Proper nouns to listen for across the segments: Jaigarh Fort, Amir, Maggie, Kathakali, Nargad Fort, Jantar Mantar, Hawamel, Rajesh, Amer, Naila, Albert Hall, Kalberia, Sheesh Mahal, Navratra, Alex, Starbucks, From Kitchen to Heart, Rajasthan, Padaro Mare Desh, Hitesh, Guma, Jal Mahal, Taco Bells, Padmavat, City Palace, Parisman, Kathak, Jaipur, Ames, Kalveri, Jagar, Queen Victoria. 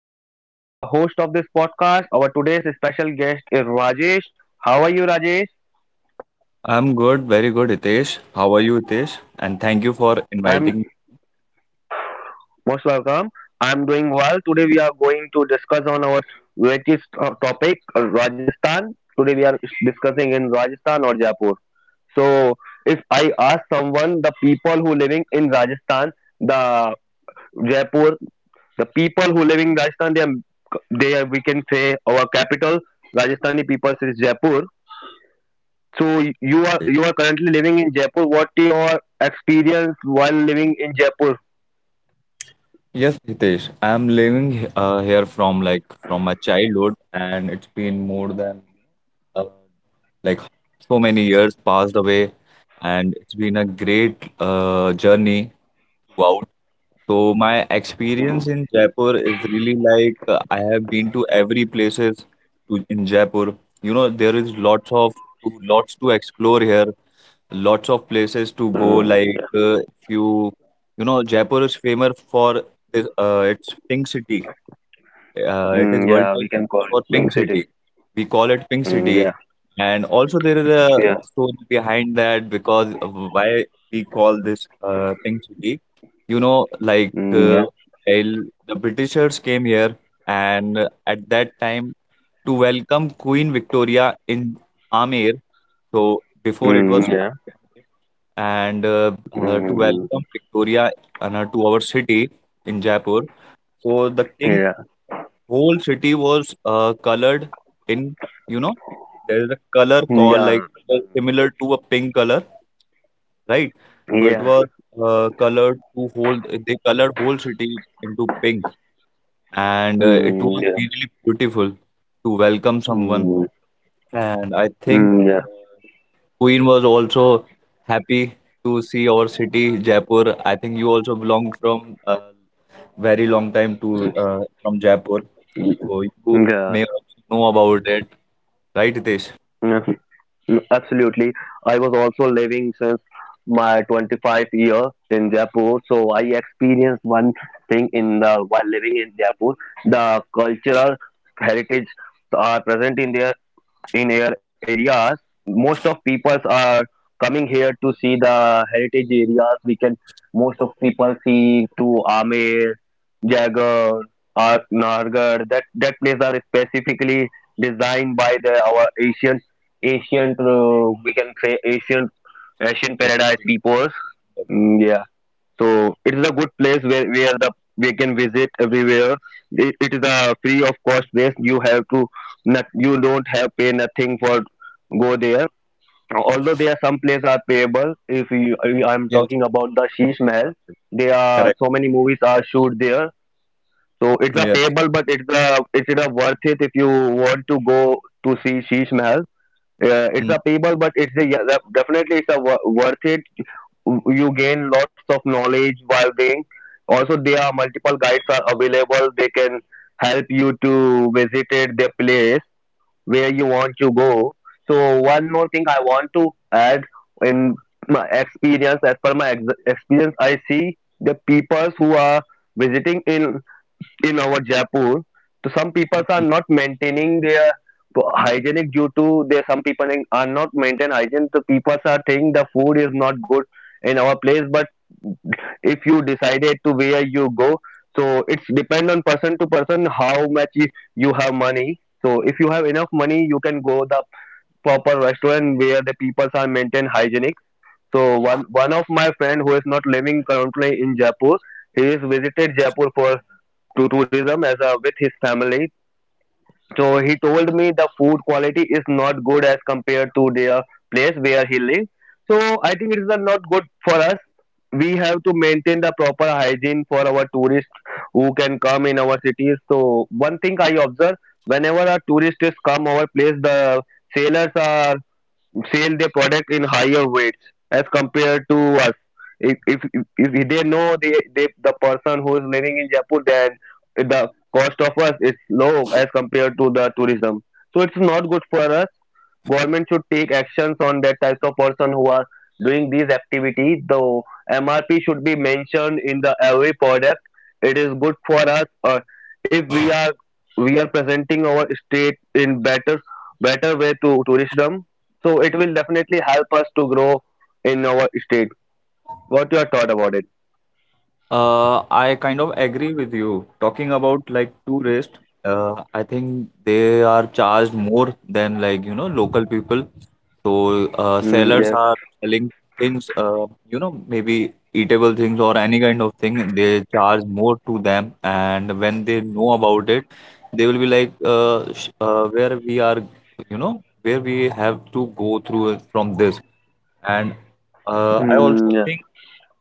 am Hitesh. I am the host of this podcast. Our today's special guest is Rajesh. How are you, Rajesh? I'm good, very good, Hitesh. How are you, Hitesh? And thank you for I'm inviting me. most welcome. I'm doing well. Today we are going to discuss on our latest topic, Rajasthan. Today we are discussing in Rajasthan or Jaipur. So if I ask someone, the people who living in Rajasthan, the Jaipur, the people who living in Rajasthan, they are, we can say our capital, Rajasthani people is Jaipur. So you are Hitesh. you are currently living in Jaipur. What your experience while living in Jaipur? Yes, Hitesh. I'm living here from like from my childhood, and it's been more than uh, like so many years passed away, and it's been a great journey throughout. So my experience in Jaipur is really like I have been to every places to in Jaipur. You know, there is lots to explore here, lots of places to go Mm, like yeah. If you, you know, Jaipur is famous for this, it's Pink City. Uh, it is Mm, worldwide yeah, we can famous call for it Wing Pink City. City, we call it Pink Mm, City. yeah. And also there is a Yeah. story behind that, because of why we call this Pink City, you know like Mm, Yeah. while the Britishers came here and at that time to welcome Queen Victoria in Amer, so before it Mm, was yeah. Mm, called yeah. Amer, and to Hmm, welcome Victoria Anna to our city in Jaipur. So the king, yeah, whole city was colored in, you know, there is a color called like similar to a pink color, right? So it yeah. was colored to whole they colored whole city into pink, and it Mm, was yeah. really beautiful to welcome someone. Mm. Mm. And I think Mm, yeah. uh, Queen was also happy to see our city, Jaipur. I think you also belong from a very long time to from Jaipur, so you Hmm, yeah. may also know about it, right, Hitesh? Hmm. Mm. Absolutely. I was also living since my 25 year in Jaipur, so I experienced one thing in the while living in Jaipur. The cultural heritage are present in there in our areas. Most of peoples are coming here to see the heritage areas we can. Most of people see to Amer, Jagar or Nargar. That place are specifically designed by the our ancient we can say ancient Asian Yes, paradise peoples. Mm, yeah, so it is a good place where the we can visit everywhere. It is a free of cost place. You have to not you don't have pay nothing for go there. Although there are some places are payable. If you, I- I'm yes, talking about the Sheesh Mahal, there are correct. so many movies are shoot there. So it's a Yeah. payable, but it's a worth it if you want to go to see Sheesh Mahal. It's a payable, but it's a yeah, definitely it's a worth it, you gain lots of knowledge while being, also there are multiple guides are available, they can help you to visit it, the place where you want to go. So one more thing I want to add in my experience, as per my experience I see the peoples who are visiting in our Jaipur, so some people are not maintaining their hygienic, due to there some people are not maintain hygiene. So people are saying the food is not good in our place. But if you decided to where you go, so it's depend on person to person how much is you have money. So if you have enough money, you can go the proper restaurant where the people are maintain hygienic. So one of my friend who is not living currently in Jaipur, he is visited Jaipur for to tourism as a with his family. So he told me the food quality is not good as compared to their place where he lives. So I think it is not good for us. We have to maintain the proper hygiene for our tourists who can come in our cities. So one thing I observe, whenever a tourist is come our place, the sailors are sell their product in higher weights as compared to us. If if, if they know they the person who is living in Jaipur, then the cost of us is low as compared to the tourism. So it's not good for us. Government should take actions on that types of person who are doing these activities. The MRP should be mentioned in the every product. It is good for us. Or if we are presenting our state in better way to tourism, so it will definitely help us to grow in our state. What your thought about it? I kind of agree with you. Talking about like tourists, I think they are charged more than, like, you know, local people. So Mm, sellers yeah. are selling things, you know, maybe eatable things or any kind of thing. They charge more to them, and when they know about it, they will be like, sh where we are, you know, where we have to go through it from this. And I Mm, also yeah. think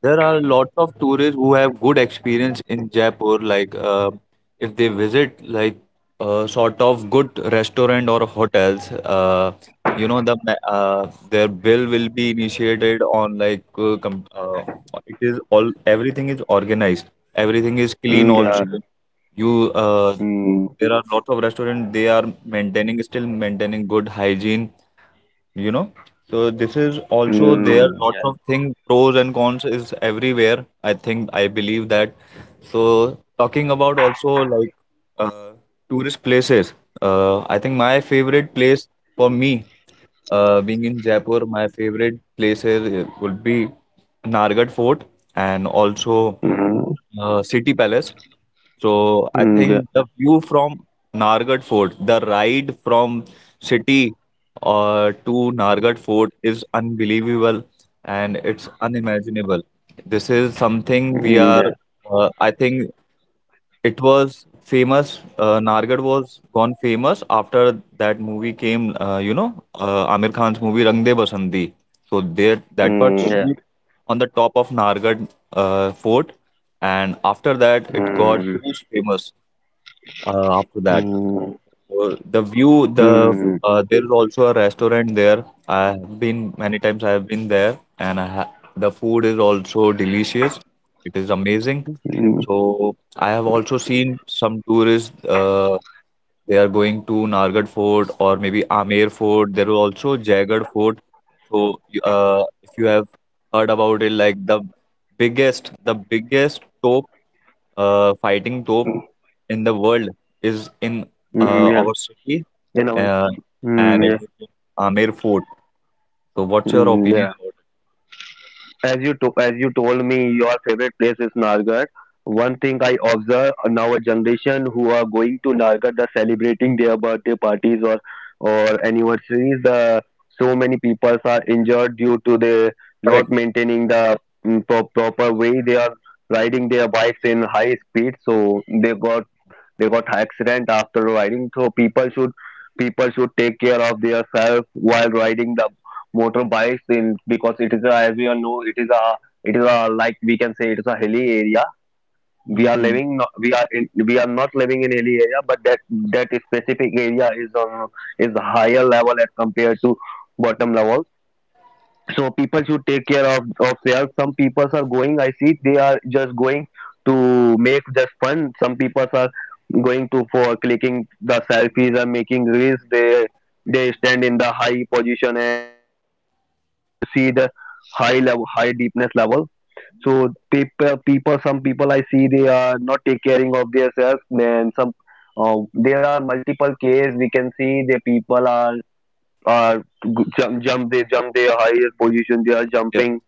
there are lots of tourists who have good experience in Jaipur, like if they visit like sort of good restaurant or hotels, you know the their bill will be initiated on like com it is all, everything is organized, everything is clean Mm, yeah. also. Yeah. You Mm. there are lots of restaurants they are maintaining still maintaining good hygiene, you know, so this is also there, Mm, lots yeah. of things, pros and cons is everywhere, I think, I believe that. So talking about also like uh, tourist places. I think my favorite place for me, being in Jaipur, my favorite places would be Nargad Fort and also Mm. City Palace. So Mm, yeah. I Mm, yeah. think the view from Nargad Fort, the ride from city to Nargad Fort is unbelievable and it's unimaginable. This is something we Mm, are, I think, it was famous. Nargad was gone famous after that movie came. Amir Khan's movie Rang De Basandi. So there, that part Yeah. shoot on the top of Nargad fort, and after that, it got Mm. huge famous. After that. Mm. The view, the Mm. There is also a restaurant there. I have been many times. I have been there, and I ha the food is also delicious. It is amazing. Mm. So I have also seen some tourists. They are going to Nargad Fort or maybe Amer Fort. There are also Jaigarh Fort. So, if you have heard about it, like the biggest top fighting top in the world is in Mm, yeah. our city, In a way. uh, and it Mm, is in Amer Fort. So, what's your opinion yeah. about it? As you told me, your favorite place is Nargat. One thing I observe, now a generation who are going to Nargat are celebrating their birthday parties or anniversaries. So many people are injured due to the not Correct. maintaining the proper way. They are riding their bikes in high speed, so they got accident after riding. So people should take care of themselves while riding the motorbikes, in because it is a, as we all know, it is a like we can say it is a hilly area, we are Mm-hmm. living we are not living in hilly area, but that specific area is on is higher level as compared to bottom level. So people should take care of themselves. Some people are going, I see they are just going to make just fun. Some people are going to for clicking the selfies and making reels, they stand in the high position and the where you see the high level, high deepness level. So people people some people I see they are not take caring of themselves. And some, there are multiple cases we can see the people are, uh, they jump their higher position, they are Yeah, jumping.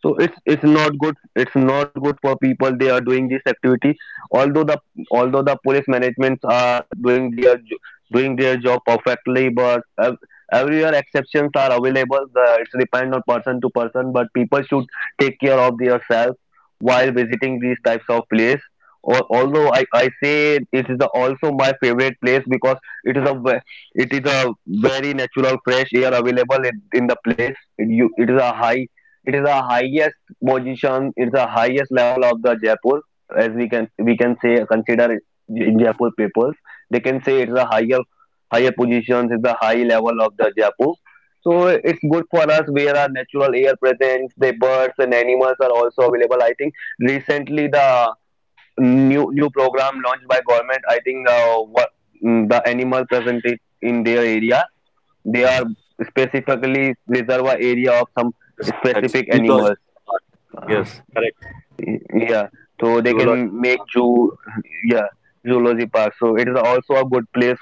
So it's not good, it's not good for people they are doing this activity. Although the police managements are doing their doing their job perfectly, but everywhere exceptions are available. The, it's depend on person to person, but people should take care of themselves while visiting these types of place. Or although I say it is the, also my favorite place because it is a it is a very natural fresh air available in the place. You it is a high, it is the highest position. It's the highest level of the Jaipur, as we can say, consider in Jaipur papers. They can say it's the higher positions. It's the high level of the Jaipur. So it's good for us where our natural air presence, the birds and animals are also available. I think recently the new program launched by government. I think the animal present it in their area they are specifically reserve a area of some that's specific zoological animals. part. Uh, Yes, correct. Yeah, so they can Zoological make part. zoo. Yeah, zoology park. So it is also a good place.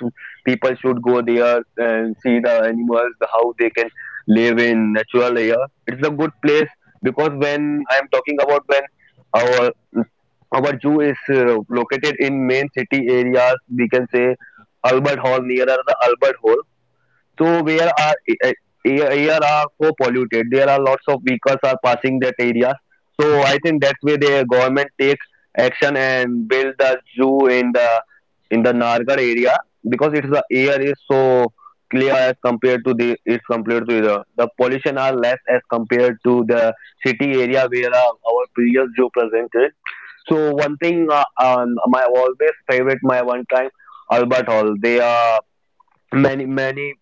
People should go there and see the animals, the how they can live in natural air. It's a good place, because when I am talking about, when our our zoo is located in main city areas, we can say Albert Hall, nearer the Albert Hall, so where are a- a- air are so polluted. There are lots of vehicles are passing that area. So I think that's where the government takes action and build the zoo in the Nargar area, because it's the air is so clear as compared to the, it's compared to the pollution are less as compared to the city area where our previous zoo presented. So one thing, my always favorite, my one time Albert Hall. They are many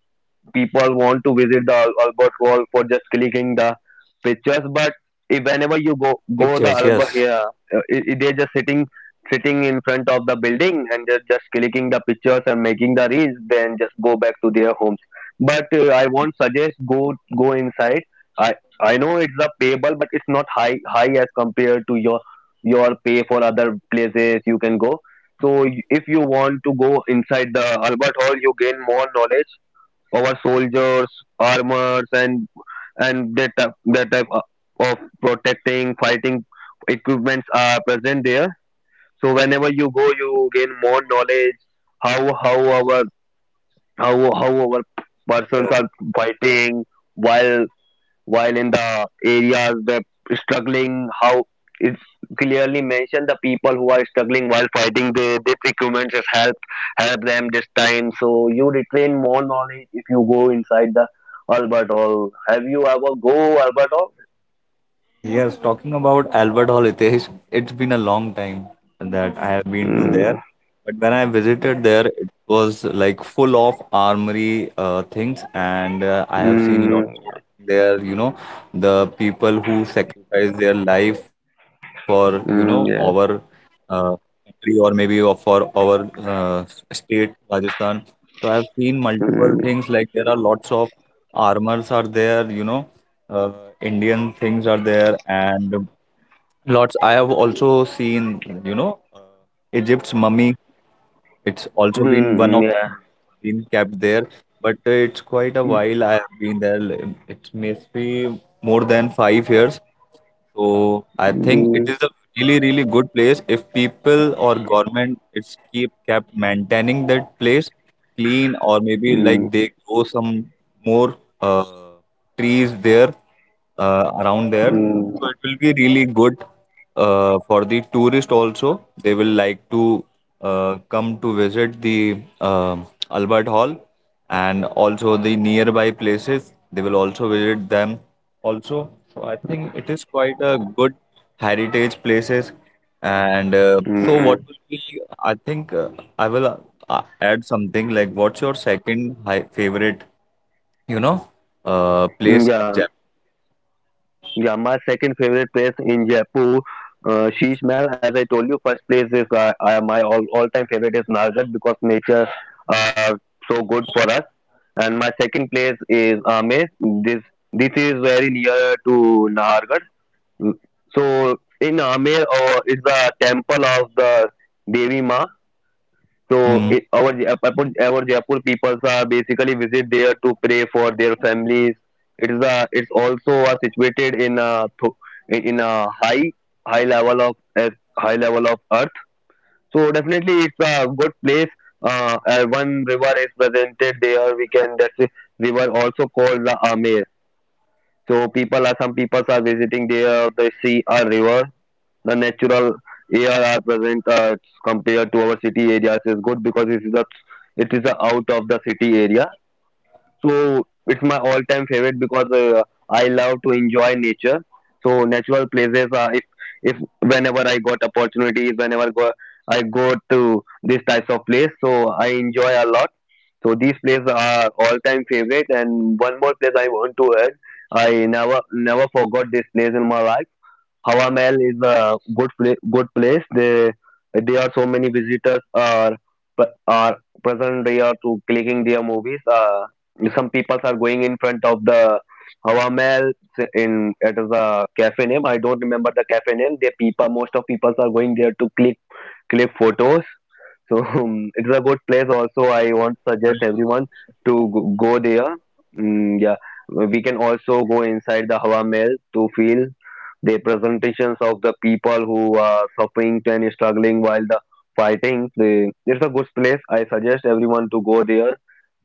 people want to visit the Albert Hall for just clicking the pictures. But if Pictures, whenever you yes. go the Albert here, they're just sitting in front of the building and just clicking the pictures and making the reels. Then just go back to their homes. But I won't suggest go inside. I I know it's a payable, but it's not high as compared to your pay for other places you can go. So if you want to go inside the Albert Hall, you gain more knowledge, our soldiers, armors, and that type, of protecting, fighting equipments are present there. So whenever you go, you gain more knowledge. How how our how how our persons Yes. are fighting, while in the areas where struggling, how it's clearly mentioned the people who are struggling while fighting, they this equipment just help them this time, so you retain more knowledge if you go inside the Albert Hall. Have you ever go Albert Hall? Yes, talking about Albert Hall, Hitesh, it's been a long time that I have been to there. Mm. But when I visited there, it was like full of armory things, and I have seen lots Mm. there, you know, the people who sacrifice their life for, you know, our Mm, yeah. uh, country or maybe for our state, Rajasthan. So I've seen multiple Mm. things, like there are lots of armors are there, you know, uh, Indian things are there, and lots. I have also seen, you know, Egypt's mummy, it's also been one Mm, of yeah. been kept there, but it's quite a while I have been there. It must be more than 5 years. So I think it Mm. is a really, really good place. If people or government it's keep kept maintaining that place clean, or maybe like Mm. they grow some more trees there around there. So Mm. it will be really good for the tourist also. They will like to come to visit the Albert Hall and also the nearby places. They will also visit them also. So I think it is quite a good heritage places. And so what Mm. will be, I think I will add something, like what's your second high favorite, you know, place Mm, in yeah. Yeah, my second favorite place in Jaipur, Sheesh Mahal. As I told you, first place is my all time favorite is Nalghat, because nature, uh, so good for us. And my second place is Ames. This is very near to Nahargarh. So in Ames, it's the temple of the Devi Ma. So Japan? it, our Jaipur people are basically visit there to pray for their families. It is a, it's also situated in a in a high high level of uh, high level of earth. So definitely it's a good place. One river is presented there. We can that's a river also called the Amir. So people are some people are visiting there. They see a river, the natural ARR present compared to our city areas is good because it is a out of the city area. So it's my all time favorite because I love to enjoy nature. So natural places are if whenever I got opportunities, whenever go, I go to these types of place, so I enjoy a lot. So these places are all time favorite. And one more place I want to add, I never forgot this place in my life. Hawamel is a good place. They there are so many visitors are are present here to clicking their movies. Some people are going in front of the Hawamel, in it is a cafe name. I don't remember the cafe name. The people, most of people are going there to click photos. So it's a good place. Also, I want to suggest everyone to go there. Mm, yeah, we can also go inside the Hawa Mahal to feel the presentations of the people who are suffering and struggling while the fighting. It's a good place. I suggest everyone to go there.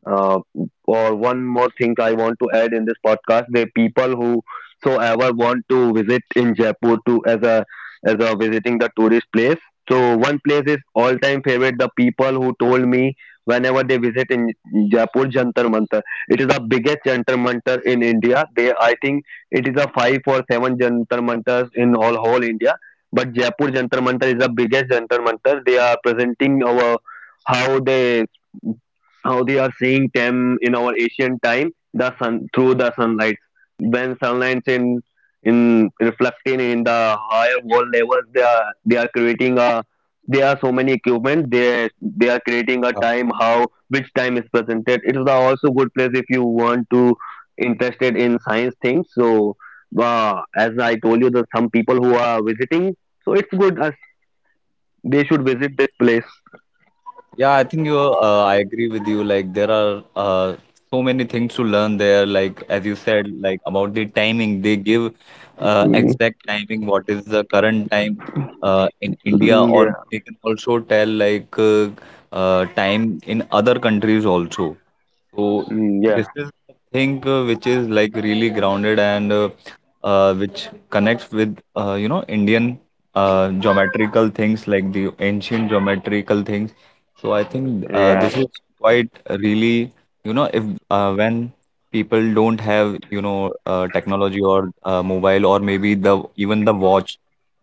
uh, or one more thing I want to add in this podcast, the people who so ever want to visit in Jaipur to as a visiting the tourist place. So one place is all time favorite. The people who told me whenever they visit in Jaipur Jantar Mantar, it is the biggest Jantar Mantar in India. They, I think it is a five or seven Jantar Mantars in all whole India. But Jaipur Jantar Mantar is the biggest Jantar Mantar. They are presenting our how they how they are seeing them in our ancient time, the sun through the sunlight, when sunlight in reflecting in the higher wall levels, they are creating a, there are so many equipment, they are creating a time, how which time is presented. It is a also good place if you want to interested in science things. So as I told you that some people who are visiting, so it's good as they should visit this place. Yeah, I think you. I agree with you. Like there are so many things to learn there. Like as you said, like about the timing, they give Mm, exact timing. What is the current time in India, mm, or yeah. they can also tell like time in other countries also. So Mm, this yeah. is the thing which is like really grounded, and which connects with, you know, Indian geometrical things, like the ancient geometrical things. So I think Yeah. this is quite really, you know, if when people don't have, you know, technology or mobile or maybe the even the watch,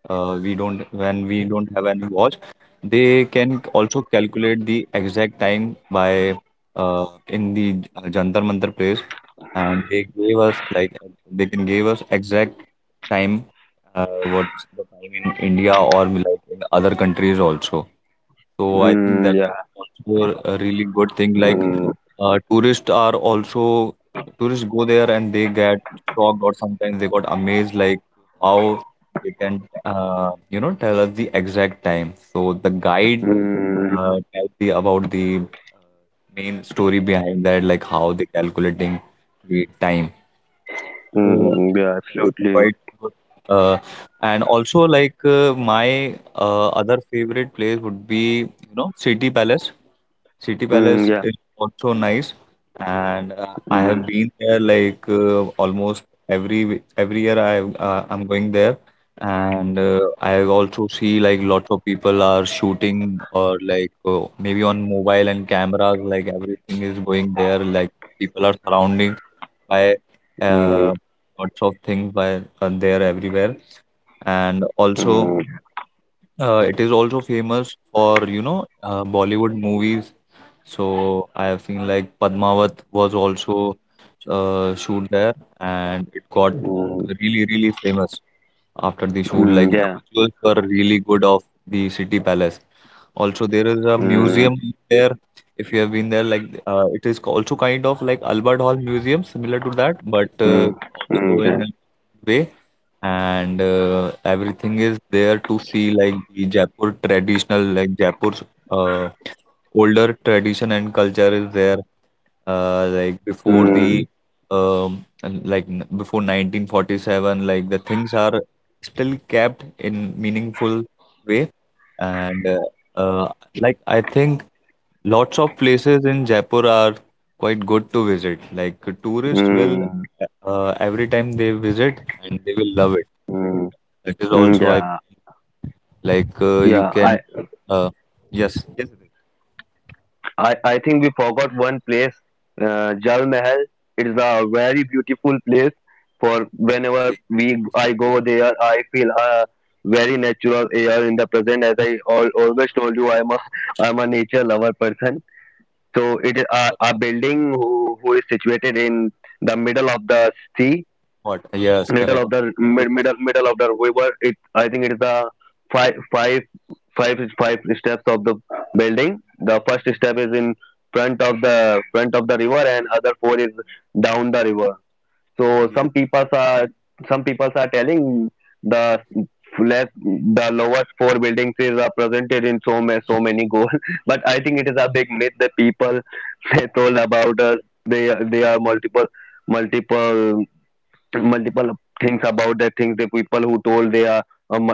we don't when we don't have any watch, they can also calculate the exact time by in the Jantar Mantar place, and they gave us like they can give us exact time, what's the time in India or like in other countries also. So I think Mm, that's yeah. also a really good thing. Like Mm, tourists are also tourists go there and they get shocked, or sometimes they got amazed like how they can, you know, tell us the exact time. So the guide mm, tells the about the uh, main story behind that, like how they calculating the time. So mm, yeah, that is absolutely. quite good. Uh, and also like, my other favorite place would be, you know, City Palace. City Mm, Palace yeah. is also nice, and I Mm, have been there like almost every year. I'm going there, and I also see like lots of people are shooting or like, maybe on mobile and cameras. Like everything is going there. Like people are surrounding by mm, uh, lots of things by there everywhere, and also mm, it is also famous for, you know, Bollywood movies. So I have seen like Padmavat was also shoot there, and it got mm, really really famous after the shoot. mm, Like the yeah. visuals were really good of the city palace. Also, there is a Mm, museum there. If you have been there, like it is also kind of like Albert Hall Museum, similar to that, but mm, mm, also yeah. in a way. And everything is there to see, like the Jaipur traditional, like Jaipur's uh, older tradition and culture is there, like before Mm, the and like before 1947 like the things are still kept in meaningful way, and uh, like I think lots of places in Jaipur are quite good to visit, like tourists will mm, every time they visit and they will love it. mm, That is mm, also I yeah. like, you Yeah, can I uh, yes, yes, it I, I think we forgot one place, Jal Mahal. It is a very beautiful place. For is. whenever we I go Exactly. there, I feel very natural air in the present. As I always told you, I'm a I'm a nature lover person. So it is a building who is situated in the middle of the sea, What? Yes, middle of correct. the middle of the river. It I think it is the five five five steps of the building. The first step is in front of the river and other four is down the river. So some Yes, people correct. are some people are telling the less the lowest four buildings is are presented in so many goals. But I think it is a big myth that people they told about us. They are multiple multiple things about the things. The people who told, they are um,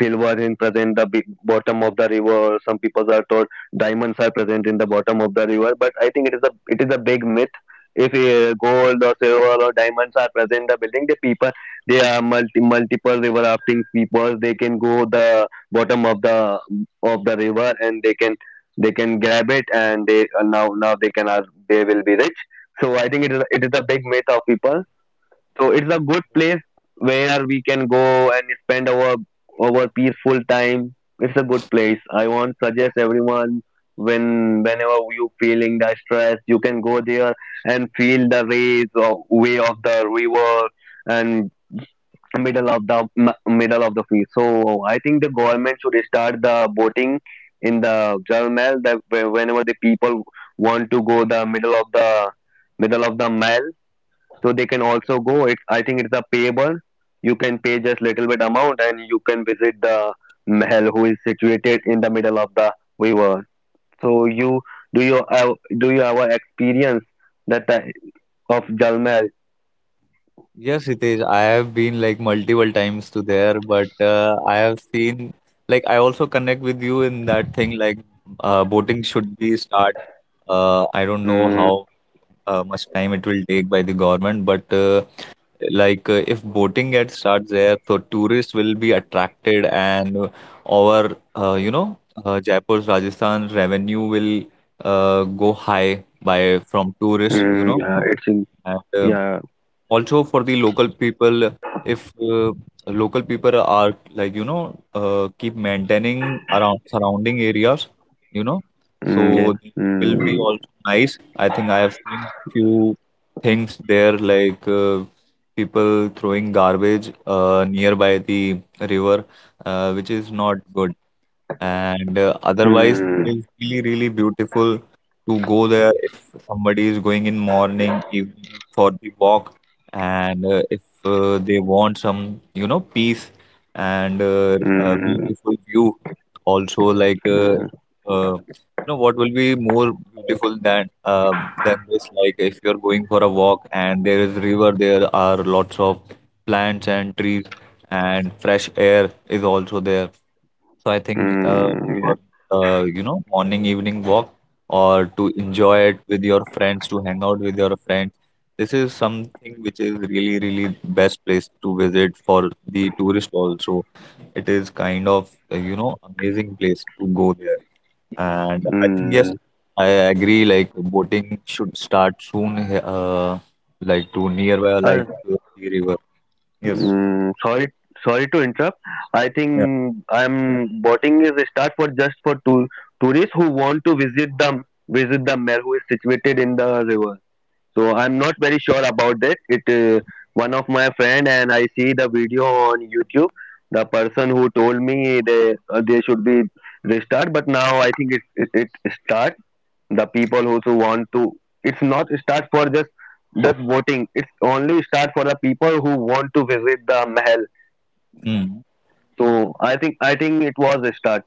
silver in present the big bottom of the river. Some people are told diamonds are present in the bottom of the river, but I think it is a big myth. If gold or silver or diamonds are present in the building, the people, they are multiple river rafting people, they can go the bottom of the river, and they can, they can grab it, and they, now they can are, they will be rich. So I think it is a big myth of people. So it's a good place where we can go and spend our peaceful time. It's a good place. I want suggest everyone when whenever you feeling the stress, you can go there and feel the rays of way of the river and middle of the middle of the sea. So I think the government should start the boating in the Jal Mahal, that whenever the people want to go the middle of the middle of the Nile, so they can also go. It's, I think it's a payable, you can pay just little bit amount, and you can visit the mahal who is situated in the middle of the river. So you, do you have do you have a experience that the, of Jal Mahal? Yes, Hitesh. I have been like multiple times to there, but I have seen, like I also connect with you in that thing, like boating should be start. I don't know Mm, how much time it will take by the government, but like if boating gets starts there, so tourists will be attracted, and our you know Jaipur's Rajasthan revenue will go high by from tourists, you mm, know, yeah, it's in, and yeah. also for the local people, if local people are, like, you know, keep maintaining around surrounding areas, you know, so Mm, yeah. it will be Mm, also nice. I think I have seen few things there, like people throwing garbage nearby the river, which is not good, and otherwise, mm, it's really, really beautiful to go there if somebody is going in morning, evening for the walk, and if they want some, you know, peace, and a mm, beautiful view. Also, like, mm, you know, what will be more beautiful than this? Like, if you're going for a walk and there is river, there are lots of plants and trees, and fresh air is also there. So I think mm, for you know morning evening walk or to enjoy it with your friends to hang out with your friends. This is something which is really really best place to visit for the tourist also. It is kind of you know amazing place to go there. And I think yeah, yes, I agree like boating should start soon, uh, like to nearby like mm. The river. Yes. Mm, sorry, sorry to interrupt. I think I'm boating is a start for just for to tourists who want to visit the Mel, who is situated in the river. So I'm not very sure about that. It one of my friend and I see the video on YouTube. The person who told me they should be restart, but now I think it start. The people who want to, it's not start for just voting. It's only start for the people who want to visit the mahal. Yeah. So I think it was a start.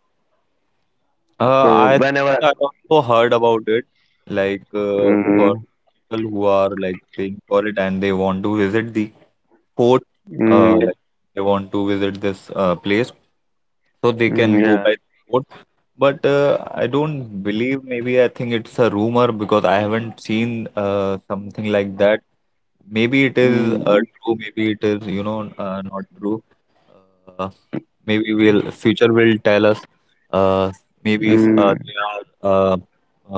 Uh, So I think whenever. I also heard about it, like for Mm, people who are like paying for it and they want to visit the fort, mm, like they want to visit this place, so they mm, can go yeah. by fort. But I don't believe. Maybe I think it's a rumor because I haven't seen something like that. Maybe it is Mm, true. Maybe it is you know not true. Uh, Maybe we'll future will tell us. Uh, maybe if mm, they are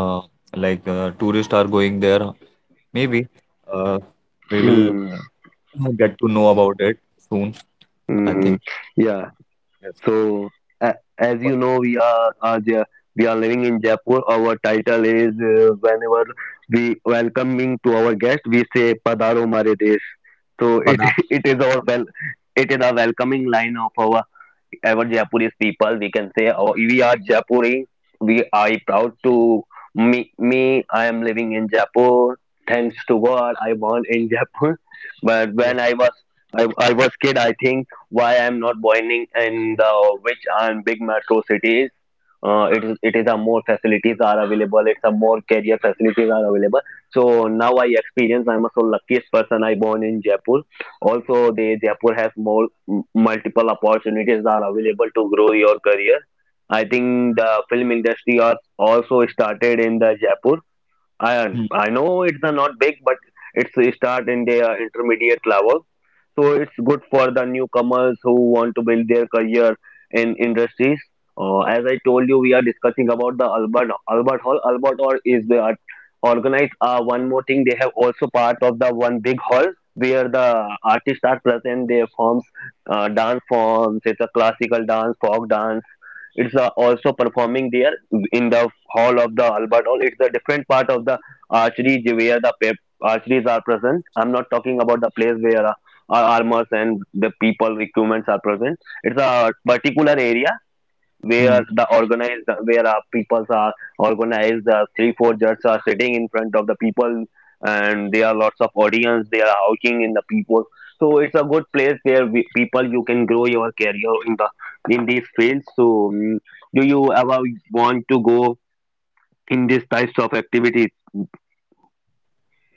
uh, like tourists are going there. Maybe uh, we will mm, get to know about it soon. I mm, think yeah. yes. So, a as But, you know, are there, we are living in Jaipur. Our title is, whenever we welcoming to our guest, we say "Padaro Mare Desh." So it Now- it is our well, it is a welcoming line of our Japanese people. We can say oh, we are Japuri. We are proud to me. Me, I am living in Japan. Thanks to God, I born in Japan. But yeah. when I was I was kid, I think why I'm not born in the which are big metro cities. It is a more facilities are available. It's a more career facilities are available. So now I experience I'm a so luckiest person I born in Jaipur. Also they Jaipur has more multiple opportunities are available to grow your career. I think the film industry are also started in the Jaipur. I Hmm, I know it's a not big, but it's a start in their intermediate level. So it's good for the newcomers who want to build their career in industries. As I told you, we are discussing about the Albert Hall. Albert Hall is the organized. One more thing, they have also part of the one big hall where the artists are present. They forms dance forms. It's a classical dance, folk dance, it's also performing there in the hall of the Albert Hall. It's a different part of the archery where the archeries are present. I'm not talking about the place where our armors and the people equipments are present. It's a particular area where hmm. the organized, where our peoples are organized, the three four judges are sitting in front of the people, and there are lots of audience, they are hawking in the people. So it's a good place where we, people you can grow your career in the in these fields. So mm, do you ever want to go in these types of activities?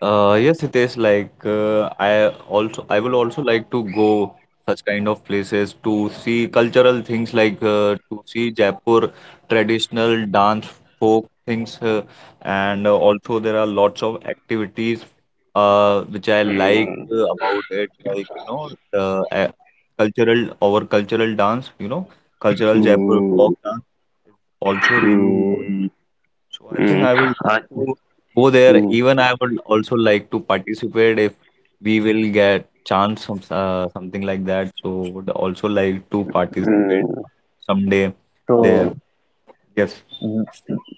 Yes, it is like I also I will also like to go such kind of places to see cultural things like to see Jaipur traditional dance folk things and also there are lots of activities which I like Mm, about it like you know the uh, cultural our cultural dance you know cultural Jaipur folk mm, dance is also really really. mm, So I think mm, I would love uh, to go there. mm, Even I would also like to participate if we will get chance some something like that. So would also like to participate mm. someday there. So Yes.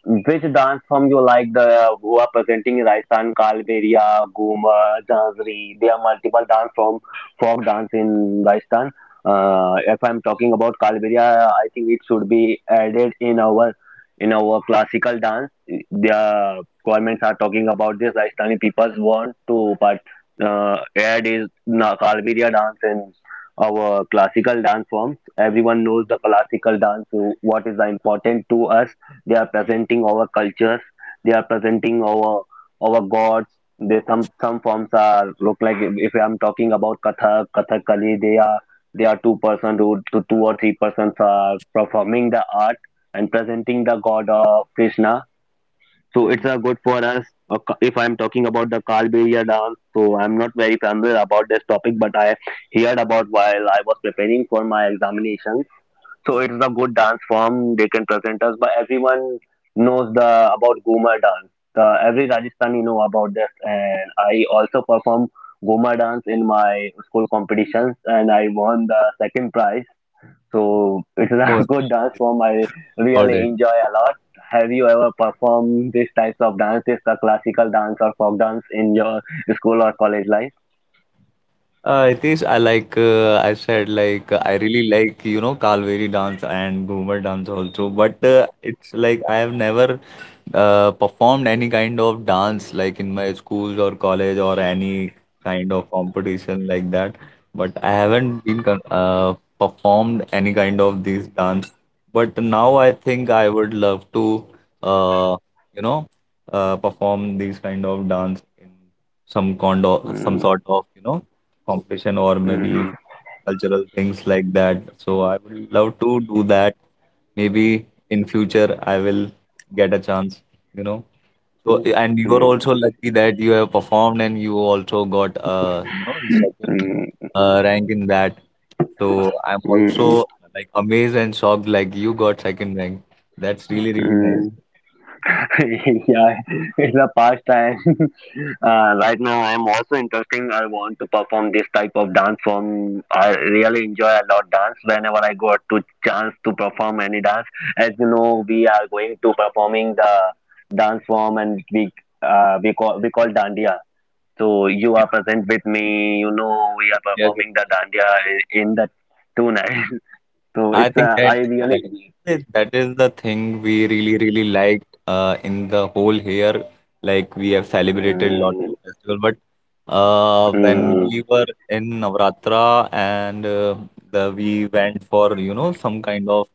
which dance form you like, the who are presenting in Rajasthan? Kalberia, Guma, Jhazri. There are multiple dance form, folk dance in Rajasthan. If I'm talking about Kalberia, I think it should be added in our classical dance. The governments are talking about this. Rajasthani people want to but add is Kalberia dance in our classical dance forms. Everyone knows the classical dance. What is important to us, they are presenting our cultures. They are presenting our gods. They some forms are look like, if I'm talking about Kathak, Kathakali, they are two person to two or three persons are performing the art and presenting the god of Krishna. So it's Hmm. a good for us. If I'm talking about the Kalberiya dance, so I'm not very familiar about this topic, but I heard about while I was preparing for my examination. So it's a good dance form they can present us. But everyone knows the about Goma dance. The, every Rajasthani know about this, and I also perform Goma dance in my school competitions, and I won the second prize. So it's a Oh, good dance form. I heard really it. enjoy a lot. Have you ever performed these types of dances, the classical dance or folk dance, in your school or college life? It is I like I said like I really like you know Kalveri dance and Ghumar dance also, but it's like I have never performed any kind of dance like in my schools or college or any kind of competition like that, but I haven't been performed any kind of these dance. But now I think I would love to uh, you know perform these kind of dance in some kind of some Mm, sort of you know competition, or maybe mm, cultural things like that. So I would love to do that. Maybe in future I will get a chance, you know. So mm, and you are mm, also lucky that you have performed and you also got you know second mm, rank in that. So I'm mm, also like amazed and shocked like you got second rank. That's really really nice. mm. Yeah, it's a pastime. Right now, I'm also interesting. I want to perform this type of dance form. I really enjoy a lot dance. Whenever I got to chance to perform any dance, as you know, we are going to performing the dance form, and we we call dandiya. So you Yeah. are present with me. You know, we are Yeah. performing the dandiya in the 2 nights. So I it's think I that really. that is the thing we really really liked in the whole year. Like we have celebrated lots Mm, of festival, but when mm, we were in Navratra, and the we went for you know some kind of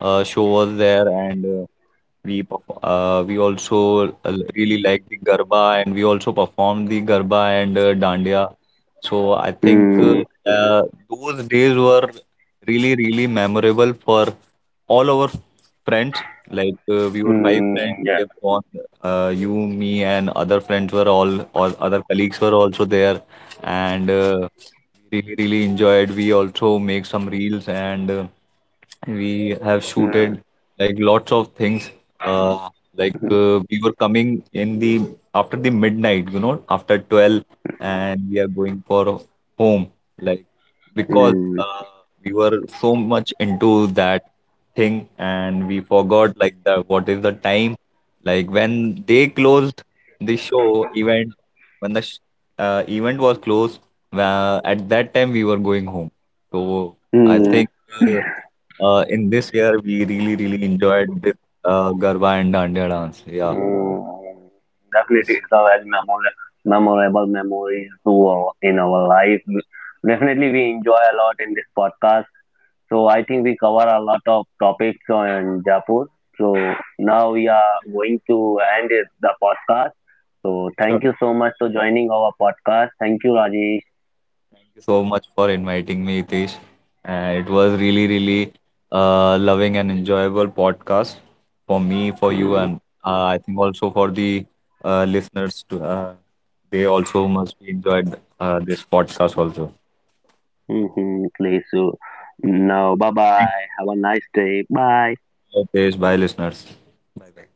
show was there, and we also really liked the Garba, and we also performed the Garba and Dandiya. So I think mm, uh, those days were really really memorable for all our friends. Like we were 5 friends. mm. Yeah. We have gone. You, me, and other friends were all, other colleagues were also there, and we really really enjoyed. We also make some reels. And we have shooted Mm. like lots of things uh Hmm. We were coming in the after the midnight you know after 12, and we are going for home, like, because Mm, we were so much into that thing and we forgot like the what is the time, like when they closed the show event, when the sh event was closed, at that time we were going home. So I mm, think uh, in this year, we really, really enjoyed the Garba and Dandiya dance. Yeah. mm. Definitely, Yes. it's a very memorable memories to our in our life. Definitely, we enjoy a lot in this podcast. So I think we cover a lot of topics on Jaipur. So now we are going to the podcast. So Sure. thank you so much for joining our podcast. Thank you, Rajesh. Thank you so much for inviting me, Hitesh. It was really, really loving and enjoyable podcast for me, for you, Mm, and I think also for the listeners. They also must be enjoyed this podcast also. mhm, please, so now bye Thank bye. Have a nice day. Bye. you, Hitesh. Bye, listeners. Bye-bye.